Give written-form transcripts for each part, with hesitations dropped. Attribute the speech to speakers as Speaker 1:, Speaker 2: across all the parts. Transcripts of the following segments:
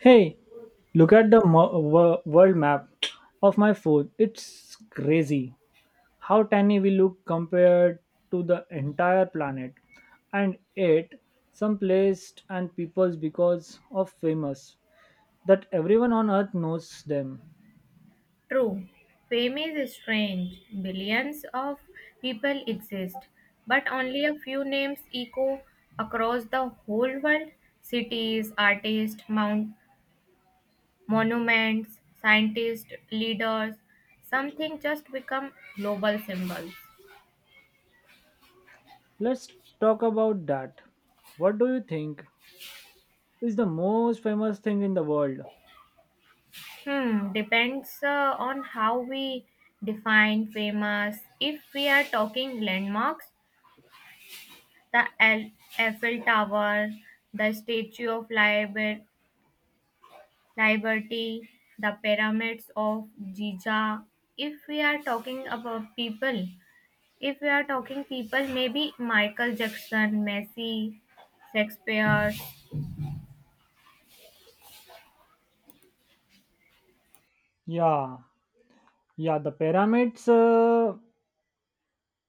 Speaker 1: Hey, look at the world map of my phone. It's crazy how tiny we look compared to the entire planet. And yet, some places and peoples because of famous that everyone on earth knows them.
Speaker 2: True, fame is strange. Billions of people exist, but only a few names echo across the whole world. Cities, artists, monuments, scientists, leaders, something just become global symbols.
Speaker 1: Let's talk about that. What do you think is the most famous thing in the world?
Speaker 2: Hmm, depends on how we define famous. If we are talking landmarks, the Eiffel Tower, the Statue of Liberty, the pyramids of Giza. If we are talking about people, If we are talking people, maybe Michael Jackson, Messi, Shakespeare.
Speaker 1: Yeah, yeah, the pyramids.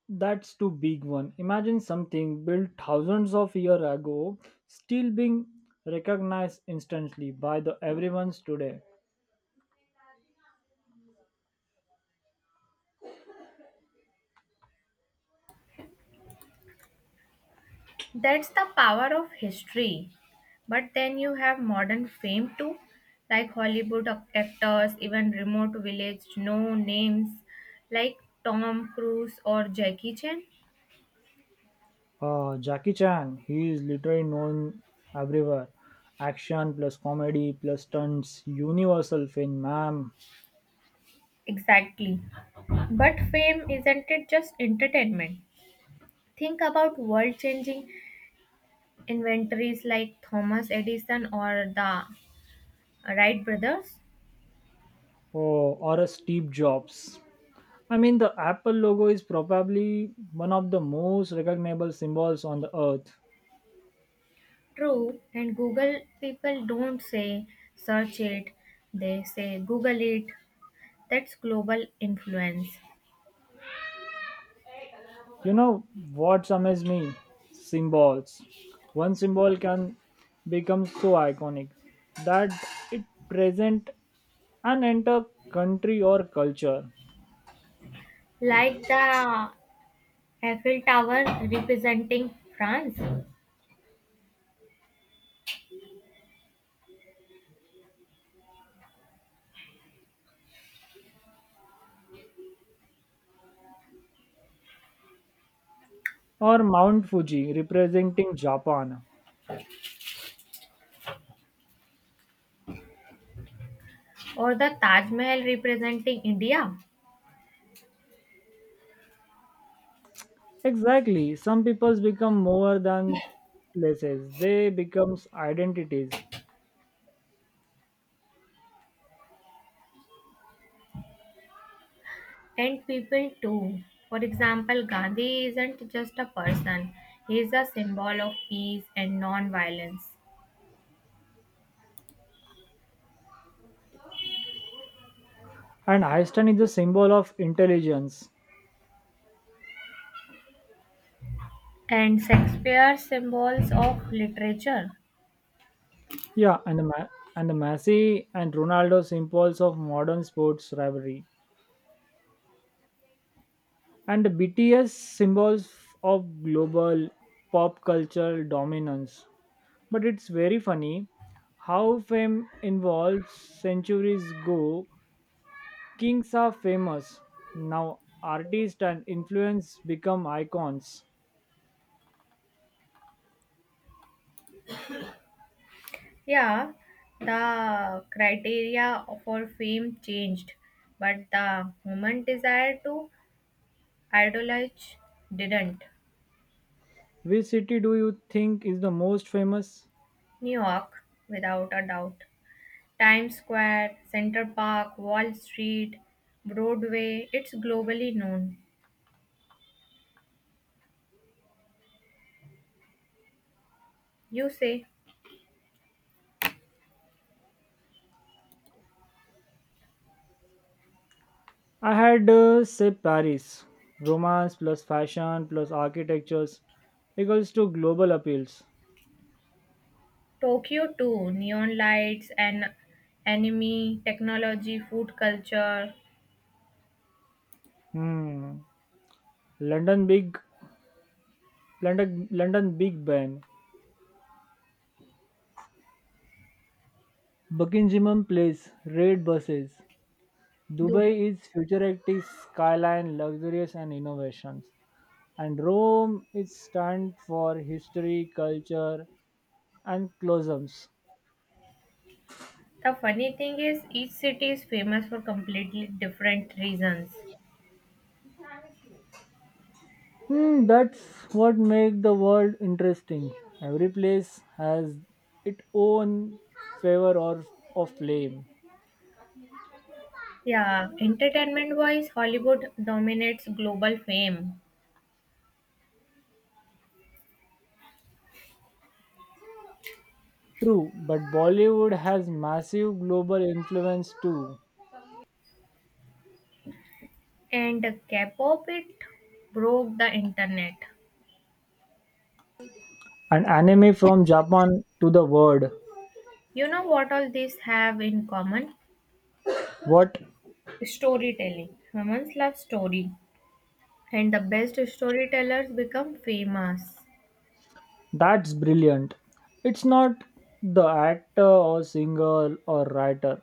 Speaker 1: That's too big one. Imagine something built thousands of years ago still being recognized instantly by the everyone's today.
Speaker 2: That's the power of history. But then you have modern fame too, like Hollywood actors, even remote village, no names, like Tom Cruise or Jackie Chan.
Speaker 1: Jackie Chan, he is literally known everywhere. Action plus comedy plus stunts, universal film, ma'am.
Speaker 2: Exactly. But fame isn't it just entertainment? Think about world changing inventories like Thomas Edison or the Wright brothers.
Speaker 1: Oh, or a Steve Jobs. I mean, the Apple logo is probably one of the most recognizable symbols on the earth.
Speaker 2: True, and Google, people don't say search it, they say Google it. That's global influence.
Speaker 1: You know what amazed me? Symbols. One symbol can become so iconic that it present an entire country or culture.
Speaker 2: Like the Eiffel Tower representing France
Speaker 1: Or Mount Fuji representing Japan.
Speaker 2: or the Taj Mahal representing India,
Speaker 1: Exactly. Some peoples become more than places. They become identities.
Speaker 2: and people too. For example, Gandhi isn't just a person, he is a symbol of peace and non violence.
Speaker 1: And Einstein is the symbol of intelligence.
Speaker 2: And Shakespeare symbols of literature.
Speaker 1: Yeah, and the Messi and Ronaldo symbols of modern sports rivalry. And BTS symbols of global pop culture dominance. But it's very funny how fame involves centuries ago. Kings are famous. Now artists and influence become icons.
Speaker 2: Yeah, the criteria for fame changed, but the human desire to idolize didn't.
Speaker 1: Which city do you think is the most famous?
Speaker 2: New York, without a doubt. Times Square, Central Park, Wall Street, Broadway, it's globally known. You say
Speaker 1: I had said Paris. Romance plus fashion plus architectures equals to global appeals.
Speaker 2: Tokyo too, neon lights and anime, technology, food culture.
Speaker 1: Hmm. London big London Big Ben, Buckingham Place, red buses. Dubai is futuristic skyline, luxurious and innovations. And Rome is stand for history, culture, and cloisons.
Speaker 2: The funny thing is, each city is famous for completely different reasons.
Speaker 1: Hmm, that's what makes the world interesting. Every place has its own favor or of flame.
Speaker 2: Yeah, entertainment wise, Hollywood dominates global fame,
Speaker 1: True, but Bollywood has massive global influence too.
Speaker 2: and K pop, it broke the internet.
Speaker 1: And anime from Japan to the world.
Speaker 2: You know what all these have in common?
Speaker 1: What?
Speaker 2: Storytelling. Humans love story, and the best storytellers become famous.
Speaker 1: That's brilliant. It's not the actor or singer or writer,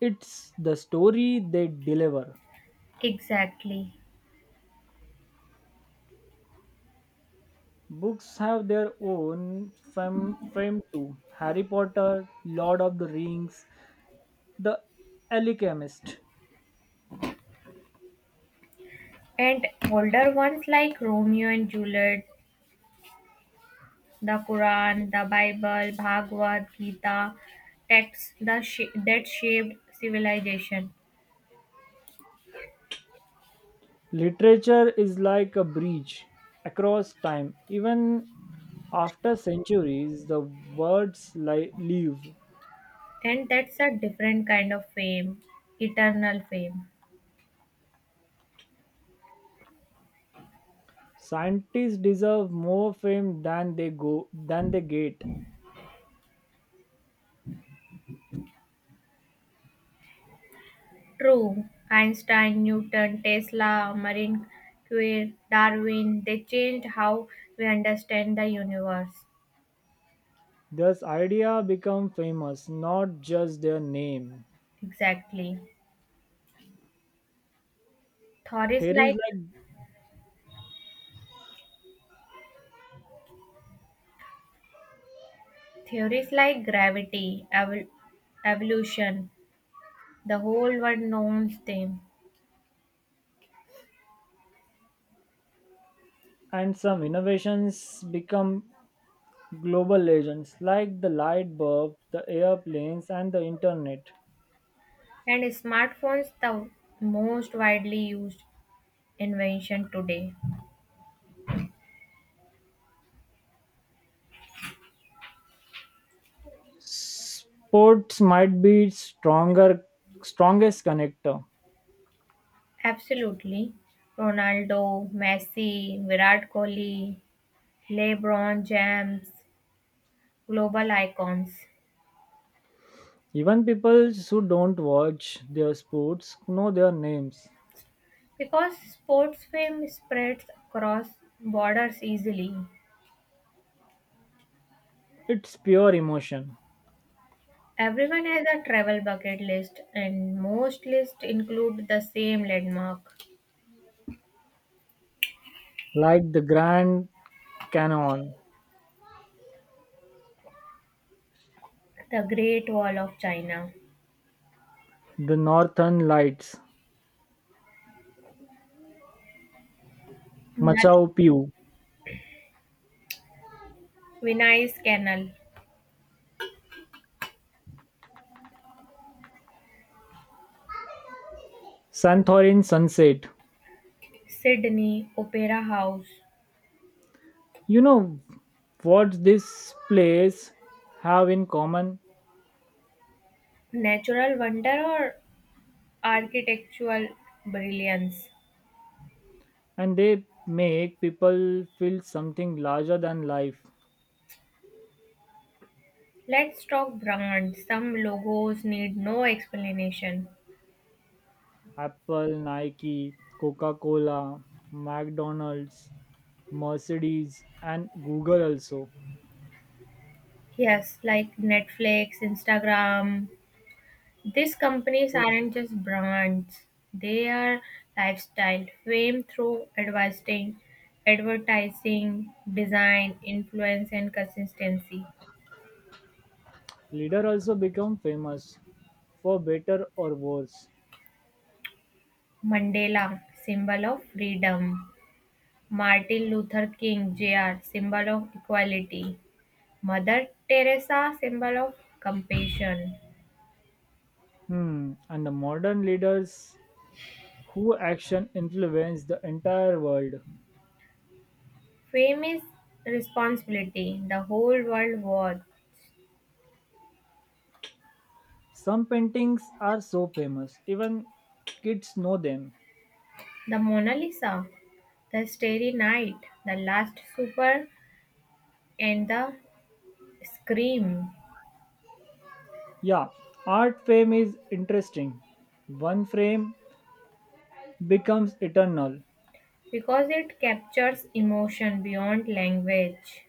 Speaker 1: it's the story they deliver.
Speaker 2: Exactly.
Speaker 1: Books have their own fame too. Harry Potter, Lord of the Rings, The Alchemist.
Speaker 2: And older ones like Romeo and Juliet, the Quran, the Bible, Bhagavad Gita, texts that shaped civilization.
Speaker 1: Literature is like a bridge across time. Even after centuries, the words live.
Speaker 2: And that's a different kind of fame, eternal fame.
Speaker 1: Scientists deserve more fame than they get.
Speaker 2: True, Einstein, Newton, Tesla, Marie Curie, Darwin, they changed how we understand the universe.
Speaker 1: Thus, idea become famous, not just their name.
Speaker 2: Exactly. Theories
Speaker 1: Theories
Speaker 2: like
Speaker 1: like
Speaker 2: Theories like gravity, evolution, the whole world knows them.
Speaker 1: and some innovations become global legends, like the light bulb, the airplanes, and the internet.
Speaker 2: And smartphones, the most widely used invention today.
Speaker 1: Sports might be stronger strongest connector.
Speaker 2: Absolutely. Ronaldo, Messi, Virat Kohli, LeBron James, global icons.
Speaker 1: Even people who don't watch their sports know their names.
Speaker 2: Because sports fame spreads across borders easily.
Speaker 1: It's pure emotion.
Speaker 2: Everyone has a travel bucket list and most lists include the same landmark,
Speaker 1: Like the Grand Canyon,
Speaker 2: the Great Wall of China,
Speaker 1: the Northern Lights,
Speaker 2: that
Speaker 1: Machao Picchu,
Speaker 2: Venice Canal,
Speaker 1: Santorin Sunset.
Speaker 2: Sydney Opera House.
Speaker 1: You know what this place have in common
Speaker 2: Natural wonder or architectural brilliance?
Speaker 1: and they make people feel something larger than life.
Speaker 2: Let's talk brands. Some logos need no explanation.
Speaker 1: Apple, Nike, Coca Cola, McDonald's, Mercedes, and Google also.
Speaker 2: Yes, like Netflix, Instagram. These companies
Speaker 1: So his
Speaker 2: aren't just brands, they are lifestyle. Fame through advertising, design, influence, and consistency.
Speaker 1: leader also become famous for better or worse.
Speaker 2: Mandela, symbol of freedom. Martin Luther King Jr., symbol of equality. Mother Teresa, symbol of compassion.
Speaker 1: Hmm. And the modern leaders who action influence the entire world.
Speaker 2: Fame is responsibility. The whole world was.
Speaker 1: Some paintings are so famous, even kids know them.
Speaker 2: The Mona Lisa, the Starry Night, the Last Supper, and the Scream.
Speaker 1: Yeah, art fame is interesting. One frame becomes eternal.
Speaker 2: Because it captures emotion beyond language.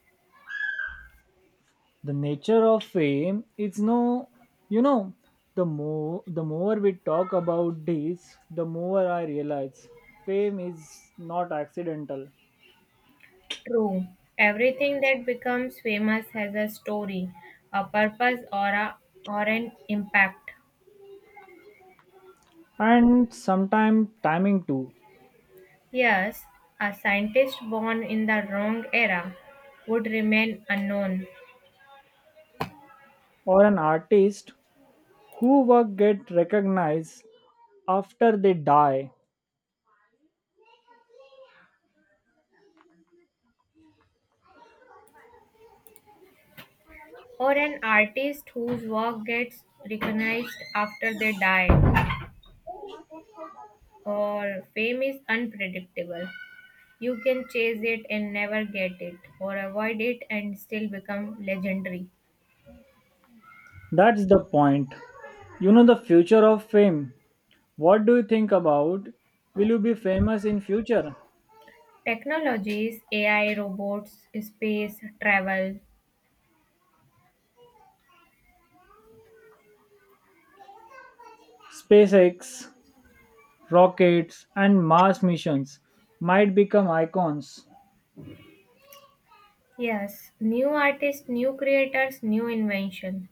Speaker 1: The nature of fame is no, you know, the more we talk about this, the more I realize fame is not accidental.
Speaker 2: True. Everything that becomes famous has a story, a purpose, or an impact.
Speaker 1: And sometimes timing too,
Speaker 2: Yes, a scientist born in the wrong era would remain unknown,
Speaker 1: or an artist who work get recognized after they die.
Speaker 2: or an artist whose work gets recognized after they die, or fame is unpredictable. You can chase it and never get it, or avoid it and still become legendary.
Speaker 1: That's the point, you know, the future of fame. What do you think about, will you be famous in future?
Speaker 2: Technologies, AI, robots, space, travel.
Speaker 1: SpaceX rockets, and Mars missions might become icons.
Speaker 2: Yes, new artists, new creators, new inventions.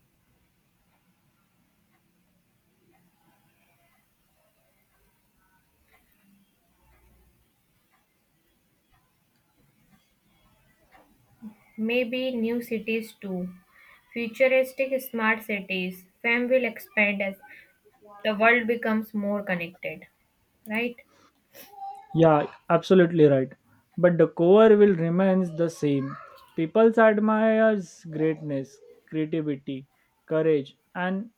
Speaker 2: Maybe new cities too. Futuristic smart cities. Fame will expand as the world becomes more connected. Right?
Speaker 1: Yeah, absolutely right. But the core will remains the same. People admires greatness, creativity, courage, and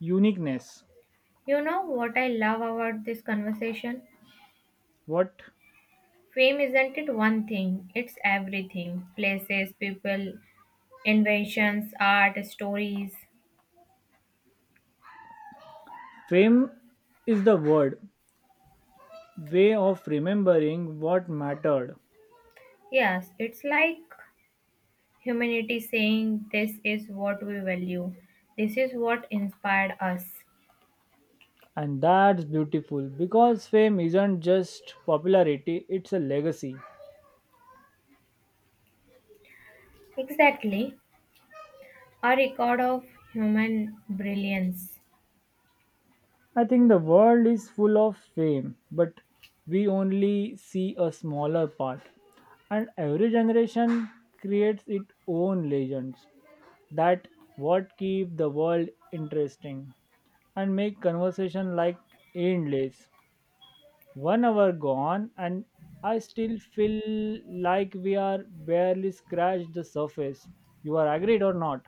Speaker 1: uniqueness.
Speaker 2: You know what I love about this conversation?
Speaker 1: What?
Speaker 2: Fame isn't it one thing, it's everything. Places, people, inventions, art, stories.
Speaker 1: Fame is the word way of remembering what mattered,
Speaker 2: Yes, it's like humanity saying this is what we value, this is what inspired us.
Speaker 1: and that's beautiful because fame isn't just popularity; it's a legacy.
Speaker 2: Exactly. A record of human brilliance.
Speaker 1: I think the world is full of fame, but we only see a smaller part. And every generation creates its own legends that what keep the world interesting and make conversation like endless. 1 hour gone and I still feel like we are barely scratched the surface. You are agreed or not?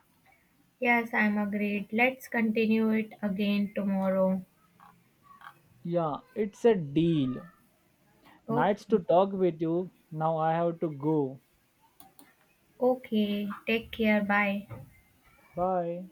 Speaker 2: Yes, I'm agreed. Let's continue it again tomorrow.
Speaker 1: Yeah, it's a deal. Nice to
Speaker 2: Okay.
Speaker 1: talk with you. Now I have to go.
Speaker 2: Okay. Take care. Bye.
Speaker 1: Bye.